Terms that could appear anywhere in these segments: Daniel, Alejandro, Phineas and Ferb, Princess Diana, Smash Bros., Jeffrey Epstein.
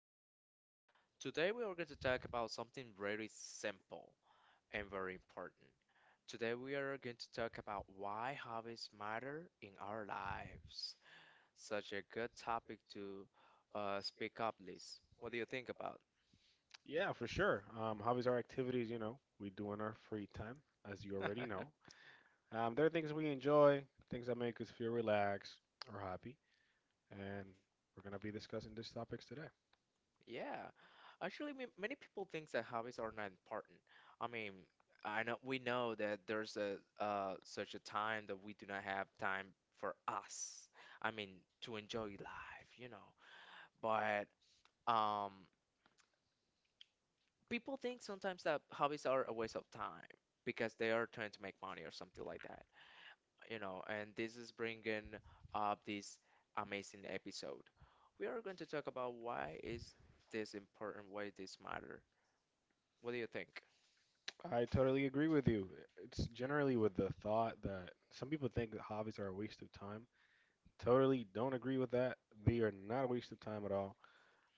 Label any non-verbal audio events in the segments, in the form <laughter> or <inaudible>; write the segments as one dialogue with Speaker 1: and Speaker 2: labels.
Speaker 1: podcast. Today, we are going to talk about something very simple and very important. Today, we are going to talk about why hobbies matter in our lives. Such a good topic to speak up, Liz. What do you think about?
Speaker 2: Yeah, for sure. Hobbies are activities, we do in our free time, as you already know.
Speaker 1: <laughs>
Speaker 2: There are things we enjoy, things that make us feel relaxed or happy, and we're going to be discussing these topics today.
Speaker 1: Yeah, actually, many people think that hobbies are not important. I mean, I know we know that there's a such a time that we do not have time for us. I mean, to enjoy life, you know. But um, people think sometimes that hobbies are a waste of time because they are trying to make money or something like that, you know. And this is bringing up this amazing episode. We are going to talk about why is this important, why this matter. What do you think?
Speaker 2: I totally agree with you. It's generally with the thought that some people think that hobbies are a waste of time. Totally don't agree with that. They are not a waste of time at all.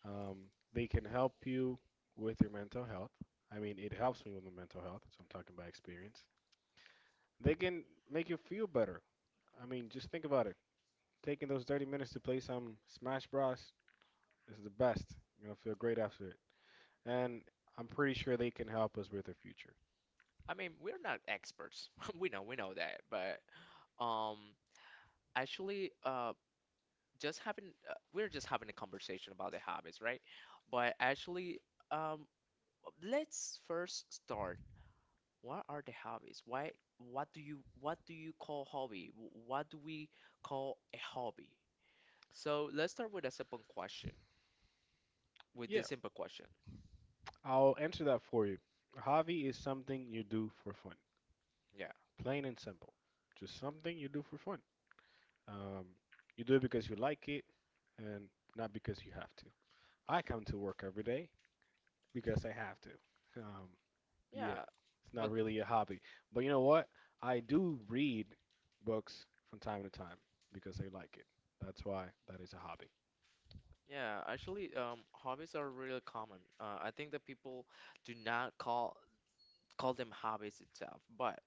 Speaker 2: They can help you with your mental health. I mean, it helps me with my mental health, so I'm talking by experience. They can make you feel better. I mean, just think about it. Taking those 30 minutes to play some Smash Bros. Is the best. You're gonna feel great after it. And I'm pretty sure they can help us with our future.
Speaker 1: I mean, we're not experts. <laughs> We know that, but um, actually, just having we're just having a conversation about the habits, right? But actually, um, let's first start. What are the hobbies? Why? What do you call hobby? What do we call a hobby? So let's start with a simple question. With
Speaker 2: Yeah,
Speaker 1: this simple question,
Speaker 2: I'll answer that for you. A hobby is something you do for fun,
Speaker 1: yeah,
Speaker 2: plain and simple. Just something you do for fun. Um, you do it because you like it and not because you have to. I come to work every day because I have to. Um, Yeah,
Speaker 1: yeah.
Speaker 2: it's not
Speaker 1: But
Speaker 2: really a hobby. But you know what? I do read books from time to time because I like it. That's why that is a hobby.
Speaker 1: yeah, actually, hobbies are really common. I think that people do not call call them hobbies itself, but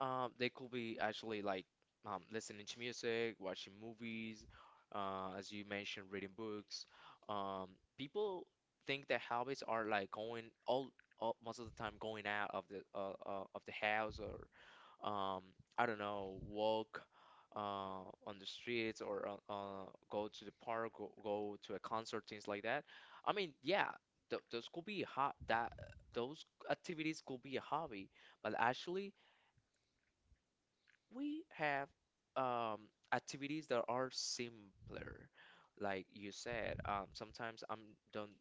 Speaker 1: they could be actually like listening to music, watching movies, as you mentioned, reading books. Um, people think that hobbies are like all most of the time going out of the house or um, I don't know, walk on the streets or go to the park, go to a concert, things like that. I mean, yeah, th those could be a ho that those activities could be a hobby, but actually we have activities that are simpler. Like you said, sometimes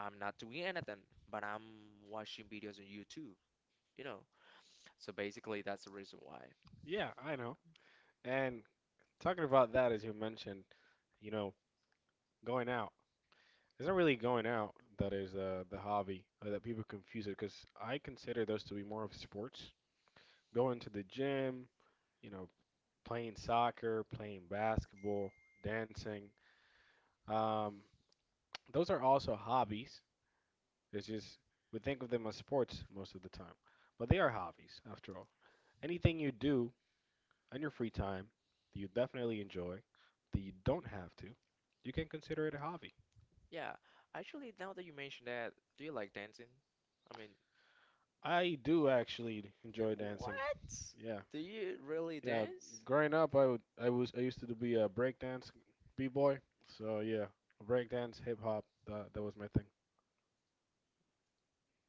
Speaker 1: I'm not doing anything, but I'm watching videos on YouTube, you know. So basically, that's the reason why.
Speaker 2: Yeah, I know. And talking about that, as you mentioned, you know, going out. It's not really going out that is the hobby that people confuse it because I consider those to be more of sports. Going to the gym, you know, playing soccer, playing basketball, dancing. Um, those are also hobbies. It's just we think of them as sports most of the time, but they are hobbies after all. Anything you do in your free time that you definitely enjoy, that you don't have to, you can consider it a hobby.
Speaker 1: Yeah, actually, now that you mentioned that, do you like dancing? I mean,
Speaker 2: I do actually enjoy dancing.
Speaker 1: what?
Speaker 2: Yeah,
Speaker 1: Do you really
Speaker 2: yeah.
Speaker 1: dance?
Speaker 2: Growing up, I would, I was, I used to be a breakdance b-boy. So yeah, breakdance, hip hop. That was my thing.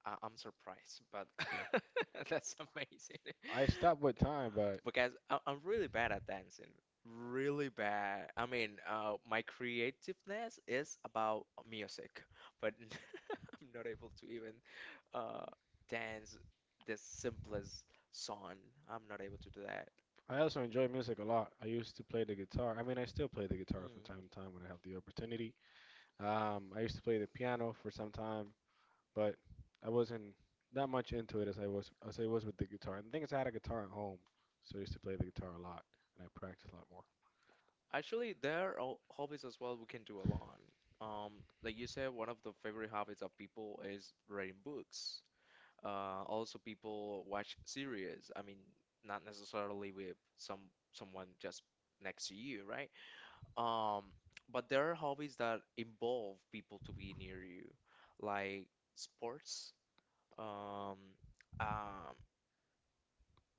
Speaker 1: I'm surprised, but
Speaker 2: Yeah.
Speaker 1: <laughs> that's amazing.
Speaker 2: I
Speaker 1: <laughs>
Speaker 2: stopped with time, but
Speaker 1: Because I'm really bad at dancing. Really bad. I mean, my creativeness is about music, but <laughs> I'm not able to even uh, dance the simplest song. I'm not able to do that.
Speaker 2: I also enjoy music a lot. I used to play the guitar. I mean, I still play the guitar from
Speaker 1: Hmm.
Speaker 2: time to time when I have the opportunity. I used to play the piano for some time, but I wasn't that much into it as I was with the guitar. And the thing is, I had a guitar at home, so I used to play the guitar a lot, and I practiced a lot more.
Speaker 1: Actually, there are hobbies as well we can do a lot. Um, like you said, one of the favorite hobbies of people is reading books. Also people watch series. I mean, not necessarily with someone just next to you, right? Um, but there are hobbies that involve people to be near you, like sports. Um, um,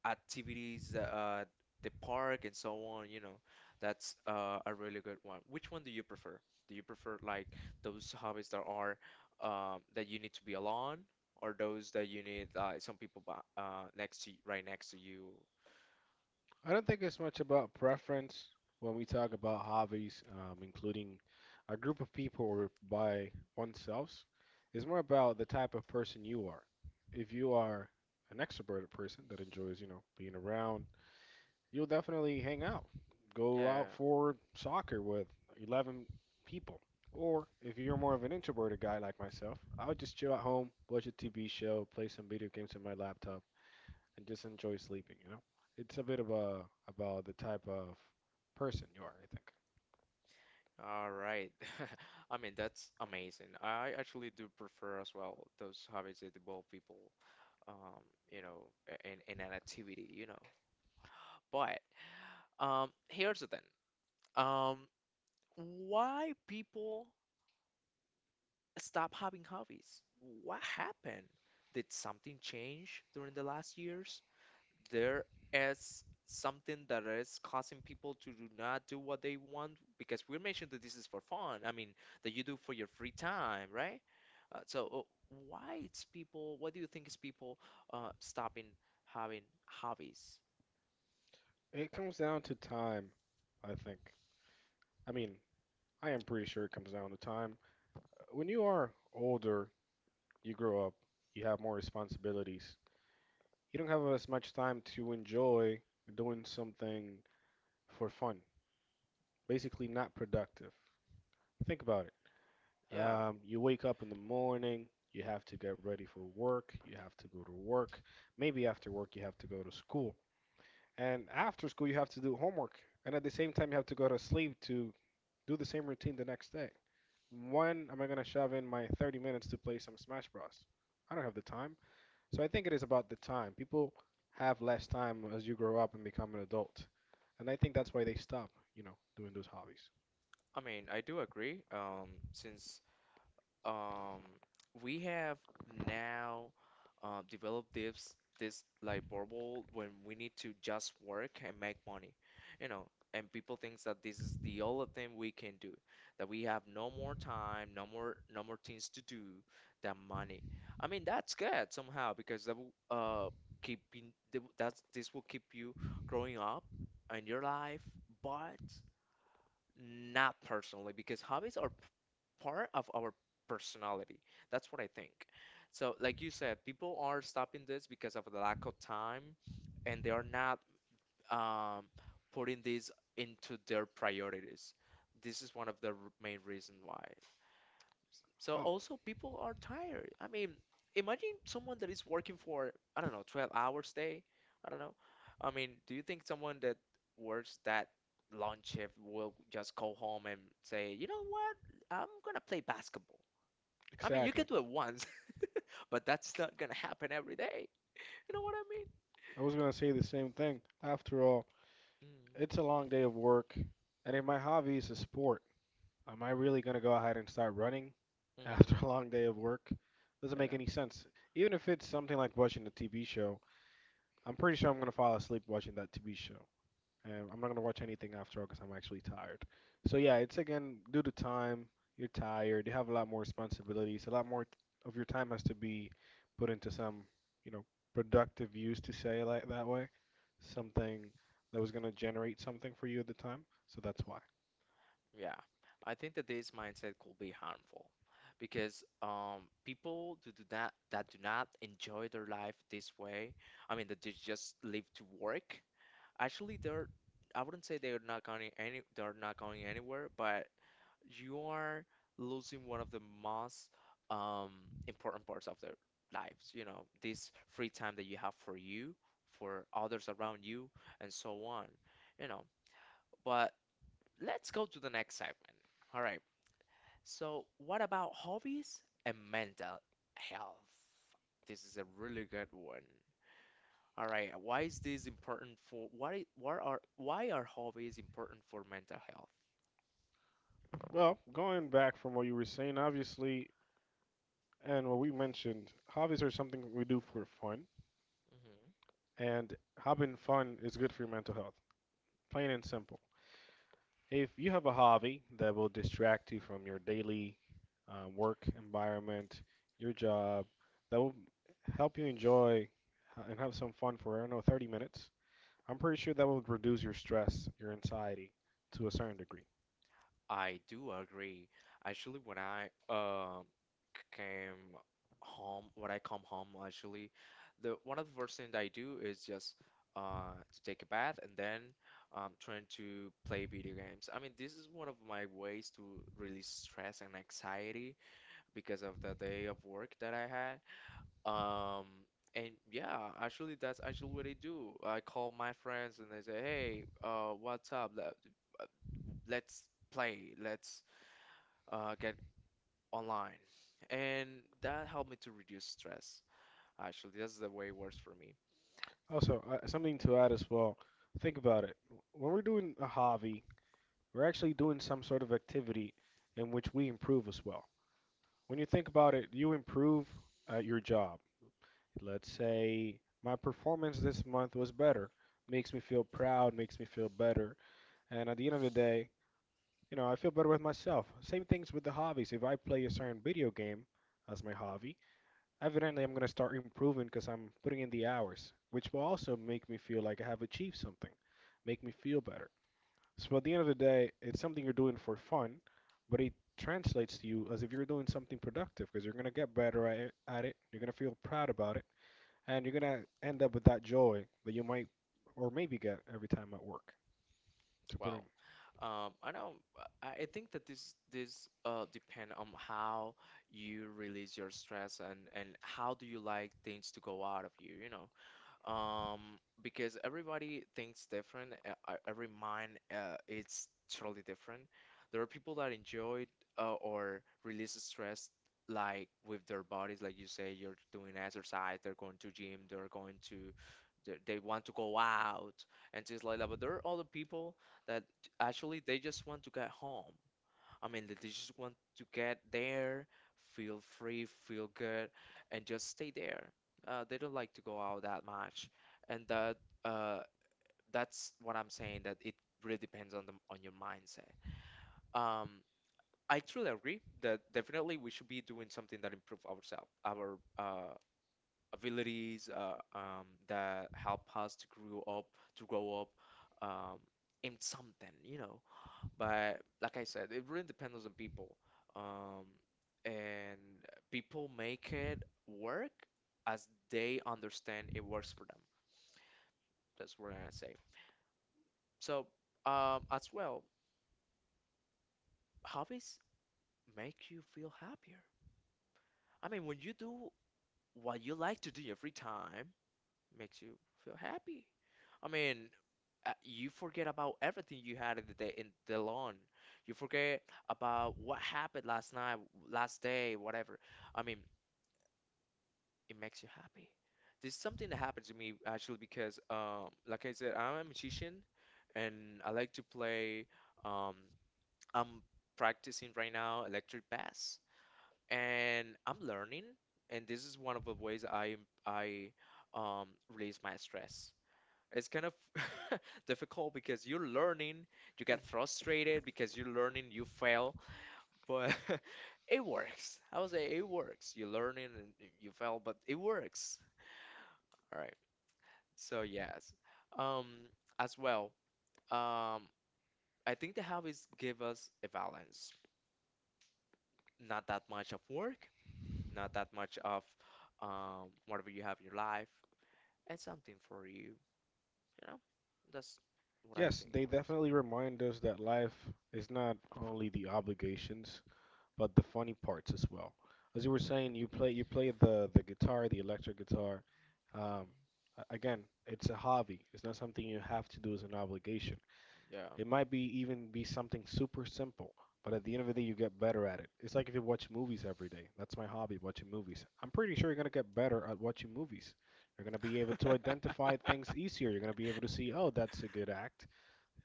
Speaker 1: activities at the park and so on, you know, that's a really good one. Which one do you prefer? Do you prefer like those hobbies that are that you need to be alone, or those that you need some people next to right next to you?
Speaker 2: I don't think it's much about preference when we talk
Speaker 1: Mhm.
Speaker 2: about hobbies, including a group of people or by oneself. It's more about the type of person you are. If you are an extroverted person that enjoys, you know, being around, you'll definitely hang out, go out
Speaker 1: Yeah, yeah,
Speaker 2: for soccer with 11 people. Or if you're more of an introverted guy like myself, I'll just chill at home, watch a TV show, play some video games on my laptop and just enjoy sleeping, you know? It's a bit of a about the type of person you are, I think.
Speaker 1: yeah. All right. <laughs> I mean, that's amazing. I actually do prefer as well those hobbies that involve people, um, you know, in an activity, you know. But here's the thing. Um, why people stop having hobbies? What happened? Did something change during the last years? There is something that is causing people to do not do what they want because we mentioned that this is for fun. I mean, that you do for your free time, right? Why it's people, what do you think is people stopping having hobbies?
Speaker 2: It comes down to time, I think. I mean, I am pretty sure it comes down to time. When you are older, you grow up, you have more responsibilities. You don't have as much time to enjoy doing something for fun, basically not productive. Think about it.
Speaker 1: Yeah.
Speaker 2: You wake up in the morning, you have to get ready for work, you have to go to work. Maybe after work, you have to go to school. And after school, you have to do homework. And at the same time, you have to go to sleep to do the same routine the next day. When am I going to shove in my 30 minutes to play some Smash Bros? I don't have the time. So I think it is about the time. People have less time as you grow up and become an adult. And I think that's why they stop, you know, doing those hobbies.
Speaker 1: I mean, I do agree. Since um, we have now developed this like bubble when we need to just work and make money, you know, and people thinks that this is the only thing we can do, that we have no more time, no more things to do than money. I mean, that's good somehow because that will keep in, that will- that's this will keep you growing up in your life, but not personally, because hobbies are part of our personality. That's what I think. So, like you said, people are stopping this because of the lack of time, and they are not um, putting this into their priorities. This is one of the main reasons why. So
Speaker 2: Oh,
Speaker 1: also people are tired. I mean, imagine someone that is working for, I don't know, 12 hours day. I don't know. I mean, do you think someone that works that long shift will just go home and say, "You know what? I'm gonna play basketball." I mean, you can
Speaker 2: exactly.
Speaker 1: do it once, <laughs> but that's not gonna happen every day. You know what I mean?
Speaker 2: I was going to say the same thing. After all,
Speaker 1: Mm,
Speaker 2: it's a long day of work. And if my hobby is a sport, am I really going to go ahead and start running
Speaker 1: mm,
Speaker 2: <laughs>
Speaker 1: mhm.
Speaker 2: after a long day of work? Doesn't make
Speaker 1: Yeah.
Speaker 2: any sense. Even if it's something like watching a TV show, I'm pretty sure I'm going to fall asleep watching that TV show. And I'm not going to watch anything after all because I'm actually tired. So, yeah, it's again due to time. You're tired. You have a lot more responsibilities. A lot more t- Of your time has to be put into some, you know, productive use to say it like that way. Something that was going to generate something for you at the time. So that's why.
Speaker 1: Yeah, I think that this mindset could be harmful because people do not enjoy their life this way. I mean, that they just live to work. Actually, they're, I wouldn't say they're not going any they're not going anywhere, but you are losing one of the most um, important parts of their lives. You know, this free time that you have for you, for others around you, and so on. You know, but let's go to the next segment. All right. So, what about hobbies and mental health? This is a really good one. All right, why is this important for why are hobbies important for mental health?
Speaker 2: Well, going back from what you were saying, obviously, and what we mentioned, hobbies are something we do for fun,
Speaker 1: Hmm.
Speaker 2: and having fun is good for your mental health, plain and simple. If you have a hobby that will distract you from your daily work environment, your job, that will help you enjoy and have some fun for, I don't know, 30 minutes, I'm pretty sure that will reduce your stress, your anxiety to a certain degree.
Speaker 1: I do agree. Actually, when I came home, when I come home, actually, the one of the first thing that I do is just to take a bath and then trying to play video games. I mean, this is one of my ways to release stress and anxiety, because of the day of work that I had. Um, and yeah, actually, that's actually what I do. I call my friends and they say, "Hey, what's up? Uh, Let's play. Let's get online." And that helped me to reduce stress. Actually, that's the way it works for me.
Speaker 2: Also, something to add as well, think about it. When we're doing a hobby, we're actually doing some sort of activity in which we improve as well. When you think about it, you improve at your job. Let's say my performance this month was better, makes me feel proud, makes me feel better. And at the end of the day, you know, I feel better with myself. Same things with the hobbies. If I play a certain video game as my hobby, evidently I'm going to start improving because I'm putting in the hours, which will also make me feel like I have achieved something, make me feel better. So at the end of the day, it's something you're doing for fun, but it translates to you as if you're doing something productive because you're gonna get better at it, you're gonna feel proud about it, and you're gonna end up with that joy that you might or maybe get every time at work. To put in,
Speaker 1: Well, I know. I think that this depend on how you release your stress and how do you like things to go out of you, you know. um, because everybody thinks different. Every mind, it's totally different. There are people that enjoy or release stress like with their bodies, like you say, you're doing exercise, they're going to gym, they want to go out and things like that. But there are other people that actually they just want to get home. I mean, they just want to get there, feel free, feel good, and just stay there. They don't like to go out that much, and that uh, that's what I'm saying. That it really depends on the on your mindset. Um, I truly agree that definitely we should be doing something that improve ourselves, our abilities, that help us to to grow up, um, in something, you know. But like I said, it really depends on people. Um, and people make it work as they understand it works for them. That's what I say. So, as well, hobbies make you feel happier. I mean, when you do what you like to do in your free time, makes you feel happy. I mean, you forget about everything you had in the day in the lawn. You forget about what happened last night, last day, whatever. I mean, it makes you happy. There's something that happened to me actually because, like I said, I'm a musician and I like to play. Um, I'm practicing right now electric bass, and I'm learning. And this is one of the ways I release my stress. It's kind of <laughs> difficult because you're learning, you get frustrated because you're learning, you fail, but <laughs> it works. I would say it works. You're learning and you fail, but it works. All right. So yes, um, as well, um, I think the habits give us a balance. Not that much of work, not that much of whatever you have in your life, and something for you. You know, that's what I
Speaker 2: yes,
Speaker 1: think
Speaker 2: they
Speaker 1: works.
Speaker 2: definitely remind us that life is not only the obligations, but the funny parts as well. As you were saying, you play the guitar, the electric guitar. Um, Again, it's a hobby. It's not something you have to do as an obligation.
Speaker 1: Yeah.
Speaker 2: It might be something super simple, but at the end of the day, you get better at it. It's like if you watch movies every day. That's my hobby, watching movies. I'm pretty sure you're gonna get better at watching movies. You're gonna be able to identify things easier.
Speaker 1: <laughs>
Speaker 2: You're gonna be able to see, oh, that's a good act,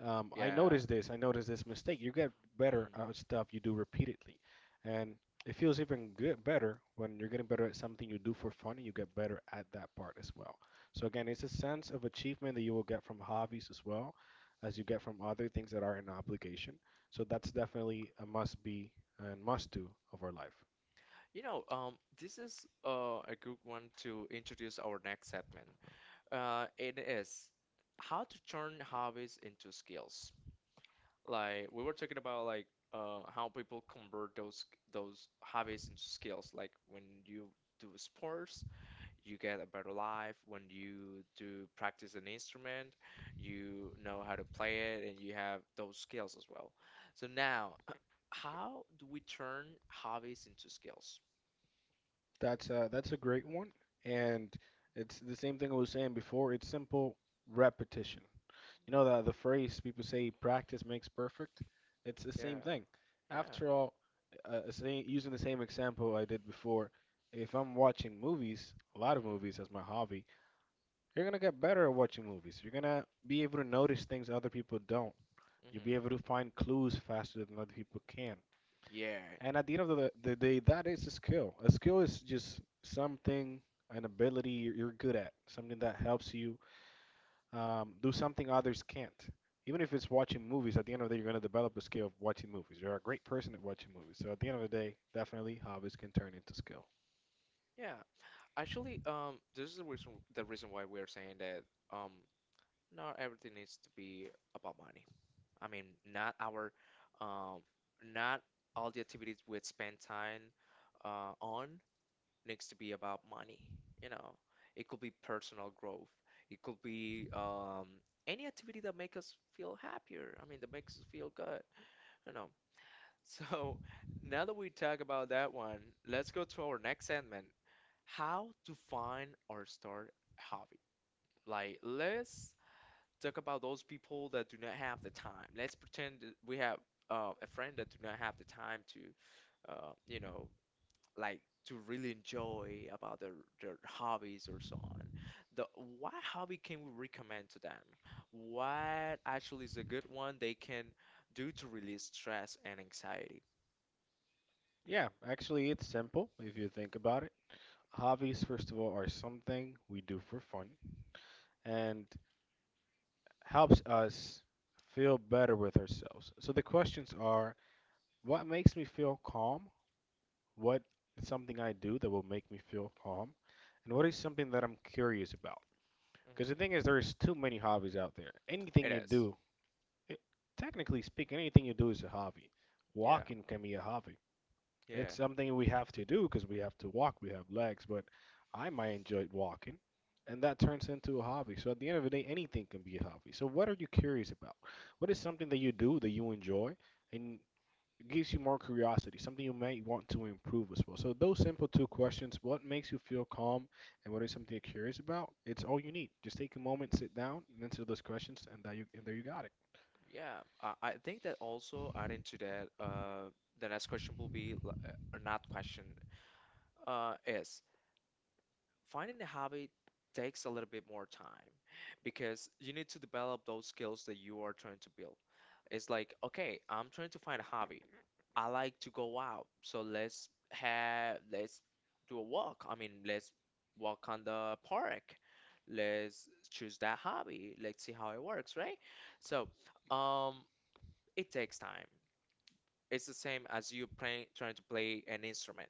Speaker 1: Yeah.
Speaker 2: I noticed this mistake. You get better
Speaker 1: Mm.
Speaker 2: at stuff you do repeatedly. And it feels even good better when you're getting better at something you do for fun and you get better at that part as well. So again, it's a sense of achievement that you will get from hobbies as well as you get from other things that are an obligation. So that's definitely a must be and must do of our life.
Speaker 1: You know, this is a good one to introduce our next segment. It is how to turn hobbies into skills. Like we were talking about, like how people convert those hobbies into skills. Like when you do sports, you get a better life. When you do practice an instrument, you know how to play it, and you have those skills as well. So now, <clears throat> how do we turn hobbies into skills?
Speaker 2: That's a great one, and it's the same thing I was saying before. It's simple repetition. You know that the phrase people say practice makes perfect? It's the same
Speaker 1: Yeah.
Speaker 2: thing.
Speaker 1: Yeah.
Speaker 2: After all, using the same example I did before, if I'm watching movies, a lot of
Speaker 1: Mhm.
Speaker 2: movies as my hobby, you're gonna get better at watching movies. You're gonna be able to notice things other people don't. You'll be
Speaker 1: Mhm.
Speaker 2: able to find clues faster than other people can.
Speaker 1: Yeah.
Speaker 2: And at the end of the day, that is a skill. A skill is just something, an ability you're good at, something that helps you do something others can't. Even if it's watching movies, at the end of the day, you're going to develop the skill of watching movies. You're a great person at watching movies. So at the end of the day, definitely hobbies can turn into skill.
Speaker 1: Yeah. Actually, this is the reason why we're saying that um, not everything needs to be about money. I mean, not our, um, not all the activities we spend time on needs to be about money. You know, it could be personal growth. It could be any activity that makes us feel happier. I mean, that makes us feel good. You know. So <laughs> now that we talk about that one, let's go to our next segment: how to find or start a hobby. Like, let's talk about those people that do not have the time. Let's pretend that we have a friend that do not have the time to, uh, you know, like to really enjoy about their hobbies or so on. The What hobby can we recommend to them? What actually is a good one they can do to release stress and anxiety?
Speaker 2: Yeah, actually, it's simple if you think about it. Hobbies, first of all, are something we do for fun and helps us feel better with ourselves. So the questions are what makes me feel calm? What is something I do that will make me feel calm? And what is something that I'm curious about? Because the
Speaker 1: Mhm.
Speaker 2: thing is, there's too many hobbies out there. Anything
Speaker 1: It
Speaker 2: you
Speaker 1: is.
Speaker 2: do, it, technically speaking, anything you do is a hobby.
Speaker 1: Yeah,
Speaker 2: Walking can be a hobby.
Speaker 1: yeah,
Speaker 2: It's something we have to do because we have to walk, we have legs, but I might enjoy walking, and that turns into a hobby. So at the end of the day, anything can be a hobby. So what are you curious about? What is something that you do that you enjoy, and it gives you more curiosity, something you might want to improve as well. So those simple two questions, what makes you feel calm and what is something you're curious about, it's all you need. Just take a moment, sit down, and answer those questions and that you and there you got it.
Speaker 1: yeah. I think that also adding to that, the next question will be, not question, is finding a hobby takes a little bit more time because you need to develop those skills that you are trying to build. It's like, okay, I'm trying to find a hobby. I like to go out, so let's do a walk. I mean, let's walk on the park. Let's choose that hobby. Let's see how it works, right? So, um, it takes time. It's the same as you playing trying to play an instrument.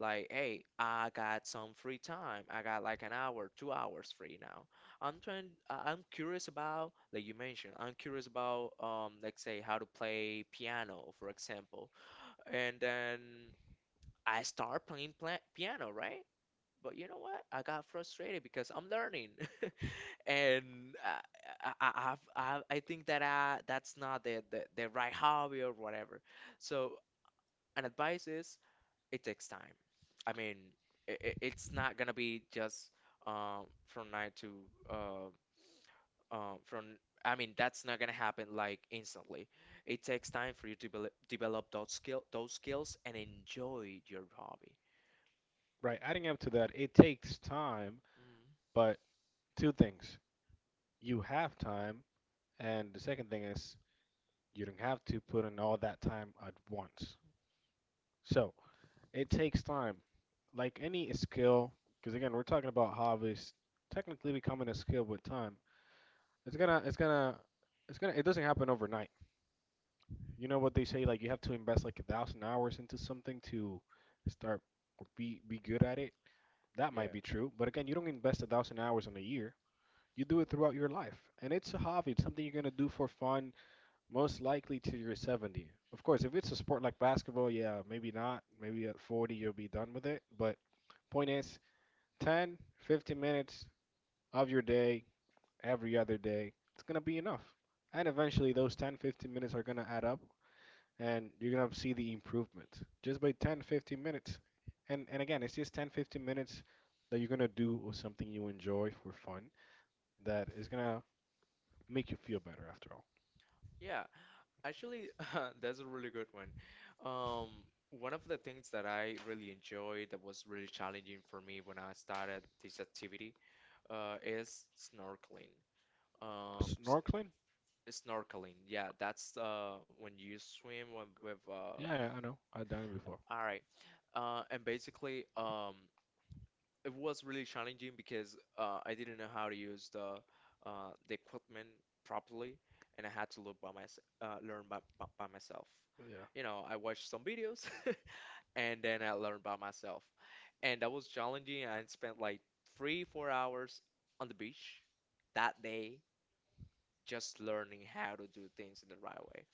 Speaker 1: Like, hey, I got some free time. I got like an hour, 2 hours free now. I'm curious about, like you mentioned, I'm curious about, let's say how to play piano, for example. And then I start playing pla piano, right? But you know what? I got frustrated because I'm learning, <laughs> and I, have I think that that's not the right hobby or whatever. So and advice is it takes time. I mean, it's not gonna be just from night to uh, from I mean, that's not gonna happen like instantly. It takes time for you to develop those skills and enjoy your hobby.
Speaker 2: Right. Adding up to that, it takes time,
Speaker 1: Mm.
Speaker 2: but two things. You have time, and the second thing is you don't have to put in all that time at once. So it takes time. Like any skill, because again, we're talking about hobbies technically becoming a skill with time. It's gonna, it's gonna, it's gonna. It doesn't happen overnight. You know what they say? Like you have to invest like 1,000 hours into something to start or be good at it. That
Speaker 1: Yeah.
Speaker 2: might be true, but again, you don't invest 1,000 hours in a year. You do it throughout your life, and it's a hobby. It's something you're gonna do for fun, most likely till you're 70. Of course, if it's a sport like basketball, yeah, maybe not. Maybe at 40 you'll be done with it. But point is, 10, 15 minutes of your day every other day, it's going to be enough. And eventually, those 10, 15 minutes are going to add up and you're going to see the improvement just by 10, 15 minutes. And again, it's just 10, 15 minutes that you're going to do or something you enjoy for fun that is going to make you feel better after all.
Speaker 1: Yeah, actually, <laughs> that's a really good one. Um, One of the things that I really enjoyed that was really challenging for me when I started this activity is snorkeling. Um, s-
Speaker 2: Snorkeling?
Speaker 1: Snorkeling, yeah, that's when you swim with,
Speaker 2: Yeah, yeah, I know. I've done it before.
Speaker 1: all right. And basically, it was really challenging because I didn't know how to use the equipment properly, and I had to learn by, by myself.
Speaker 2: Yeah.
Speaker 1: You know, I watched some videos, <laughs> and then I learned by myself, and that was challenging. I spent like three, 4 hours on the beach that day just learning how to do things in the right way,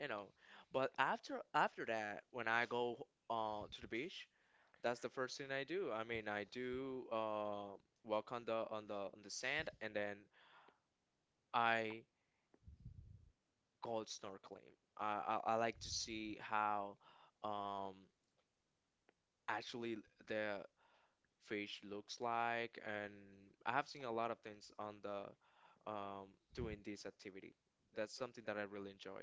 Speaker 1: you know. But after that, when I go to the beach, that's the first thing I do. I mean, I do walk on the sand, and then I go snorkeling. I like to see how um, actually the fish looks like, and I have seen a lot of things on the um, doing this activity. That's something that I really enjoy.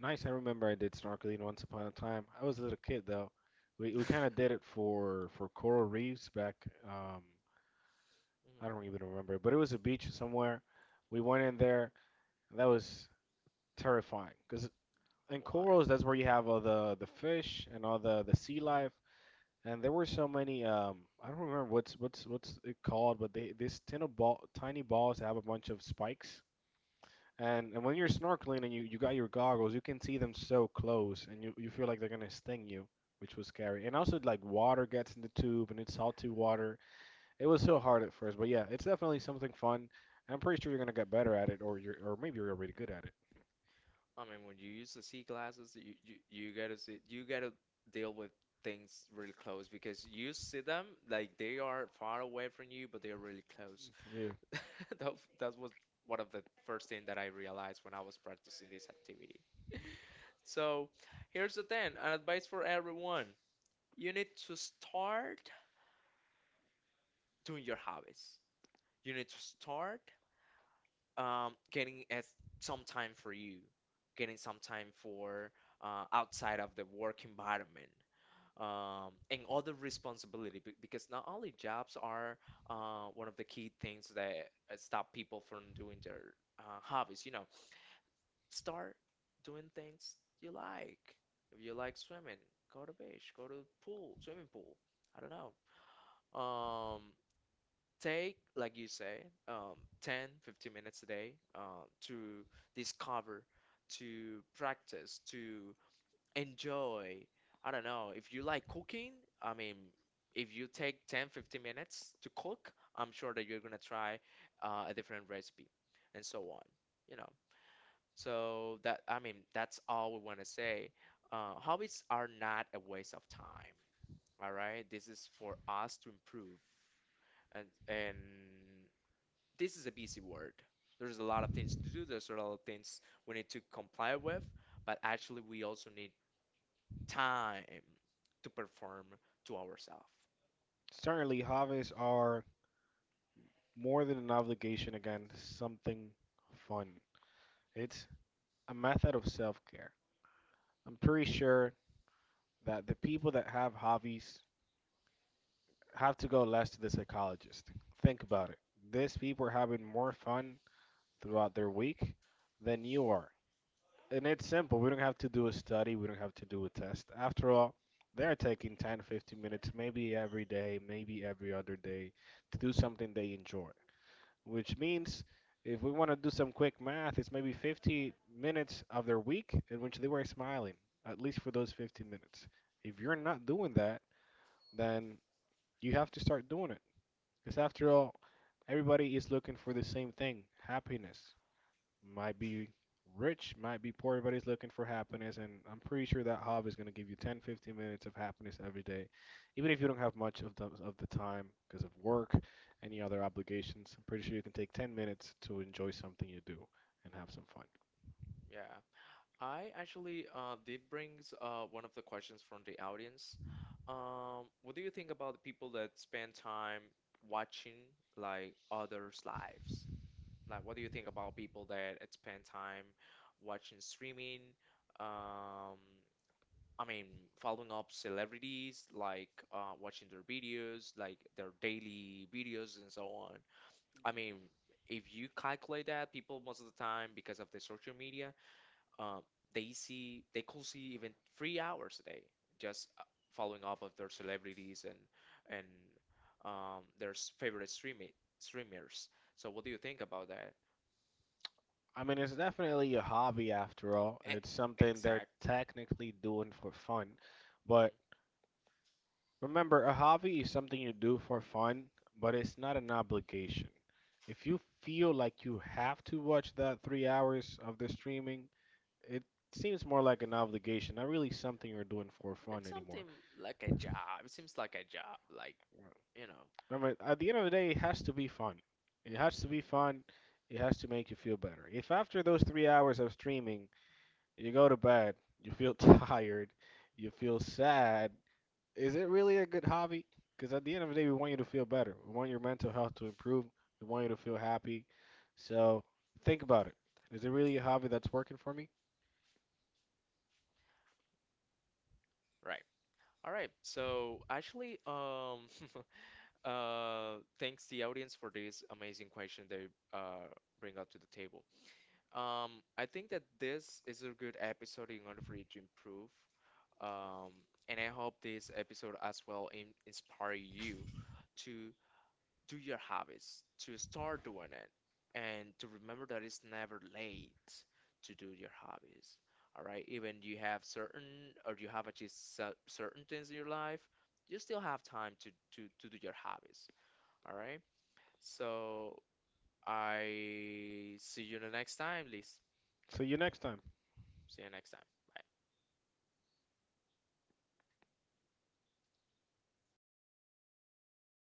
Speaker 2: Nice. I remember I did snorkeling once upon a time. I was a little kid though. We kind of
Speaker 1: <laughs> Mhm.
Speaker 2: did it for coral reefs back. Um, I don't even remember, but it was a beach somewhere. We went in there, and that was terrifying because in
Speaker 1: Why?
Speaker 2: corals that's where you have all the fish and all the sea
Speaker 1: Hmm.
Speaker 2: life. And there were so many. I don't remember what's it called, but they this tin of ball tiny balls have a bunch of spikes. And when you're snorkeling and you got your goggles, you can see them so close and you feel like they're gonna sting you, which was scary. And also like water gets in the tube and it's salty water. It was so hard at first, but yeah, it's definitely something fun. And I'm pretty sure you're gonna get better at it or maybe you're already good at it.
Speaker 1: I mean, when you use the sea glasses, you gotta see, you gotta deal with things really close because you see them like they are far away from you, but they are really close.
Speaker 2: Yeah.
Speaker 1: <laughs> That that was one of the first thing that I realized when I was practicing this activity. So here's the thing, an advice for everyone. You need to start doing your hobbies. You need to start getting as some time for you, getting some time for outside of the work environment. And other responsibility because not only jobs are one of the key things that stop people from doing their hobbies. Start doing things you like. If you like swimming, go to beach, go to pool, swimming pool. I don't know. Um, Take like you say 10, 15 minutes a day to discover, to practice, to enjoy. I don't know if you like cooking. I mean, if you take 10, 15 minutes to cook, I'm sure that you're gonna try a different recipe and so on. You know so that i mean that's all we want to say. Hobbies are not a waste of time. All right, this is for us to improve, and this is a busy world. There's a lot of things to do, there's a lot of things we need to comply with, but actually, we also need time to perform to ourselves.
Speaker 2: Certainly hobbies are more than an obligation, again, something fun. It's a method of self care. I'm pretty sure that the people that have hobbies have to go less to the psychologist. Think about it. These people are having more fun throughout their week than you are. And it's simple. We don't have to do a study, we don't have to do a test. After all, they're taking 10, 15 minutes, maybe every day, maybe every other day, to do something they enjoy. Which means if we want to do some quick math, it's maybe 50 minutes of their week in which they were smiling, at least for those 15 minutes. If you're not doing that, then you have to start doing it. Because after all, everybody is looking for the same thing, happiness. Might be rich, might be poor, everybody's looking for happiness. And I'm pretty sure that hobby is going to give you 10, 15 minutes of happiness every day, even if you don't have much of the time because of work, any other obligations. I'm pretty sure you can take 10 minutes to enjoy something you do and have some fun.
Speaker 1: Yeah. I actually did brings one of the questions from the audience. What do you think about the people that spend time watching like others' lives? Like, what do you think about people that spend time watching streaming? Um, I mean, following up celebrities, like watching their videos, like their daily videos and so on. I mean, if you calculate that, people most of the time, because of the social media, um, they could see even 3 hours a day just following up of their celebrities and favorite streamers. So what do you think about that?
Speaker 2: I mean, it's definitely a hobby after all.
Speaker 1: E-
Speaker 2: It's something they're
Speaker 1: Exact.
Speaker 2: technically doing for fun, but. Remember, a hobby is something you do for fun, but it's not an obligation. If you feel like you have to watch that 3 hours of the streaming, it seems more like an obligation, not really something you're doing for fun
Speaker 1: It's
Speaker 2: anymore.
Speaker 1: something like a job. It seems like a job, like, you know.
Speaker 2: Remember, at the end of the day, it has to be fun. It has to be
Speaker 1: Mm.
Speaker 2: fun. It has to make you feel better. If after those 3 hours of streaming, you go to bed, you feel <laughs> tired, you feel sad, is it really a good hobby? Because at the end of the day, we want you to feel better. We want your mental health to improve. We want you to feel happy. So think about it. Is it really a hobby that's working for me?
Speaker 1: Right. All right. So actually, <laughs> thanks the audience for this amazing question they uh bring up to the table. I think that this is a good episode in order for you to improve. Um, and I hope this episode as well in inspire you to do your habits, to start doing it, and to remember that it's never late to do your hobbies. All right, even you have certain or you have achieved certain things in your life, you still have time to do your hobbies. All right, so I see you the next time, Liz.
Speaker 2: See you next time.
Speaker 1: See you next time. Bye.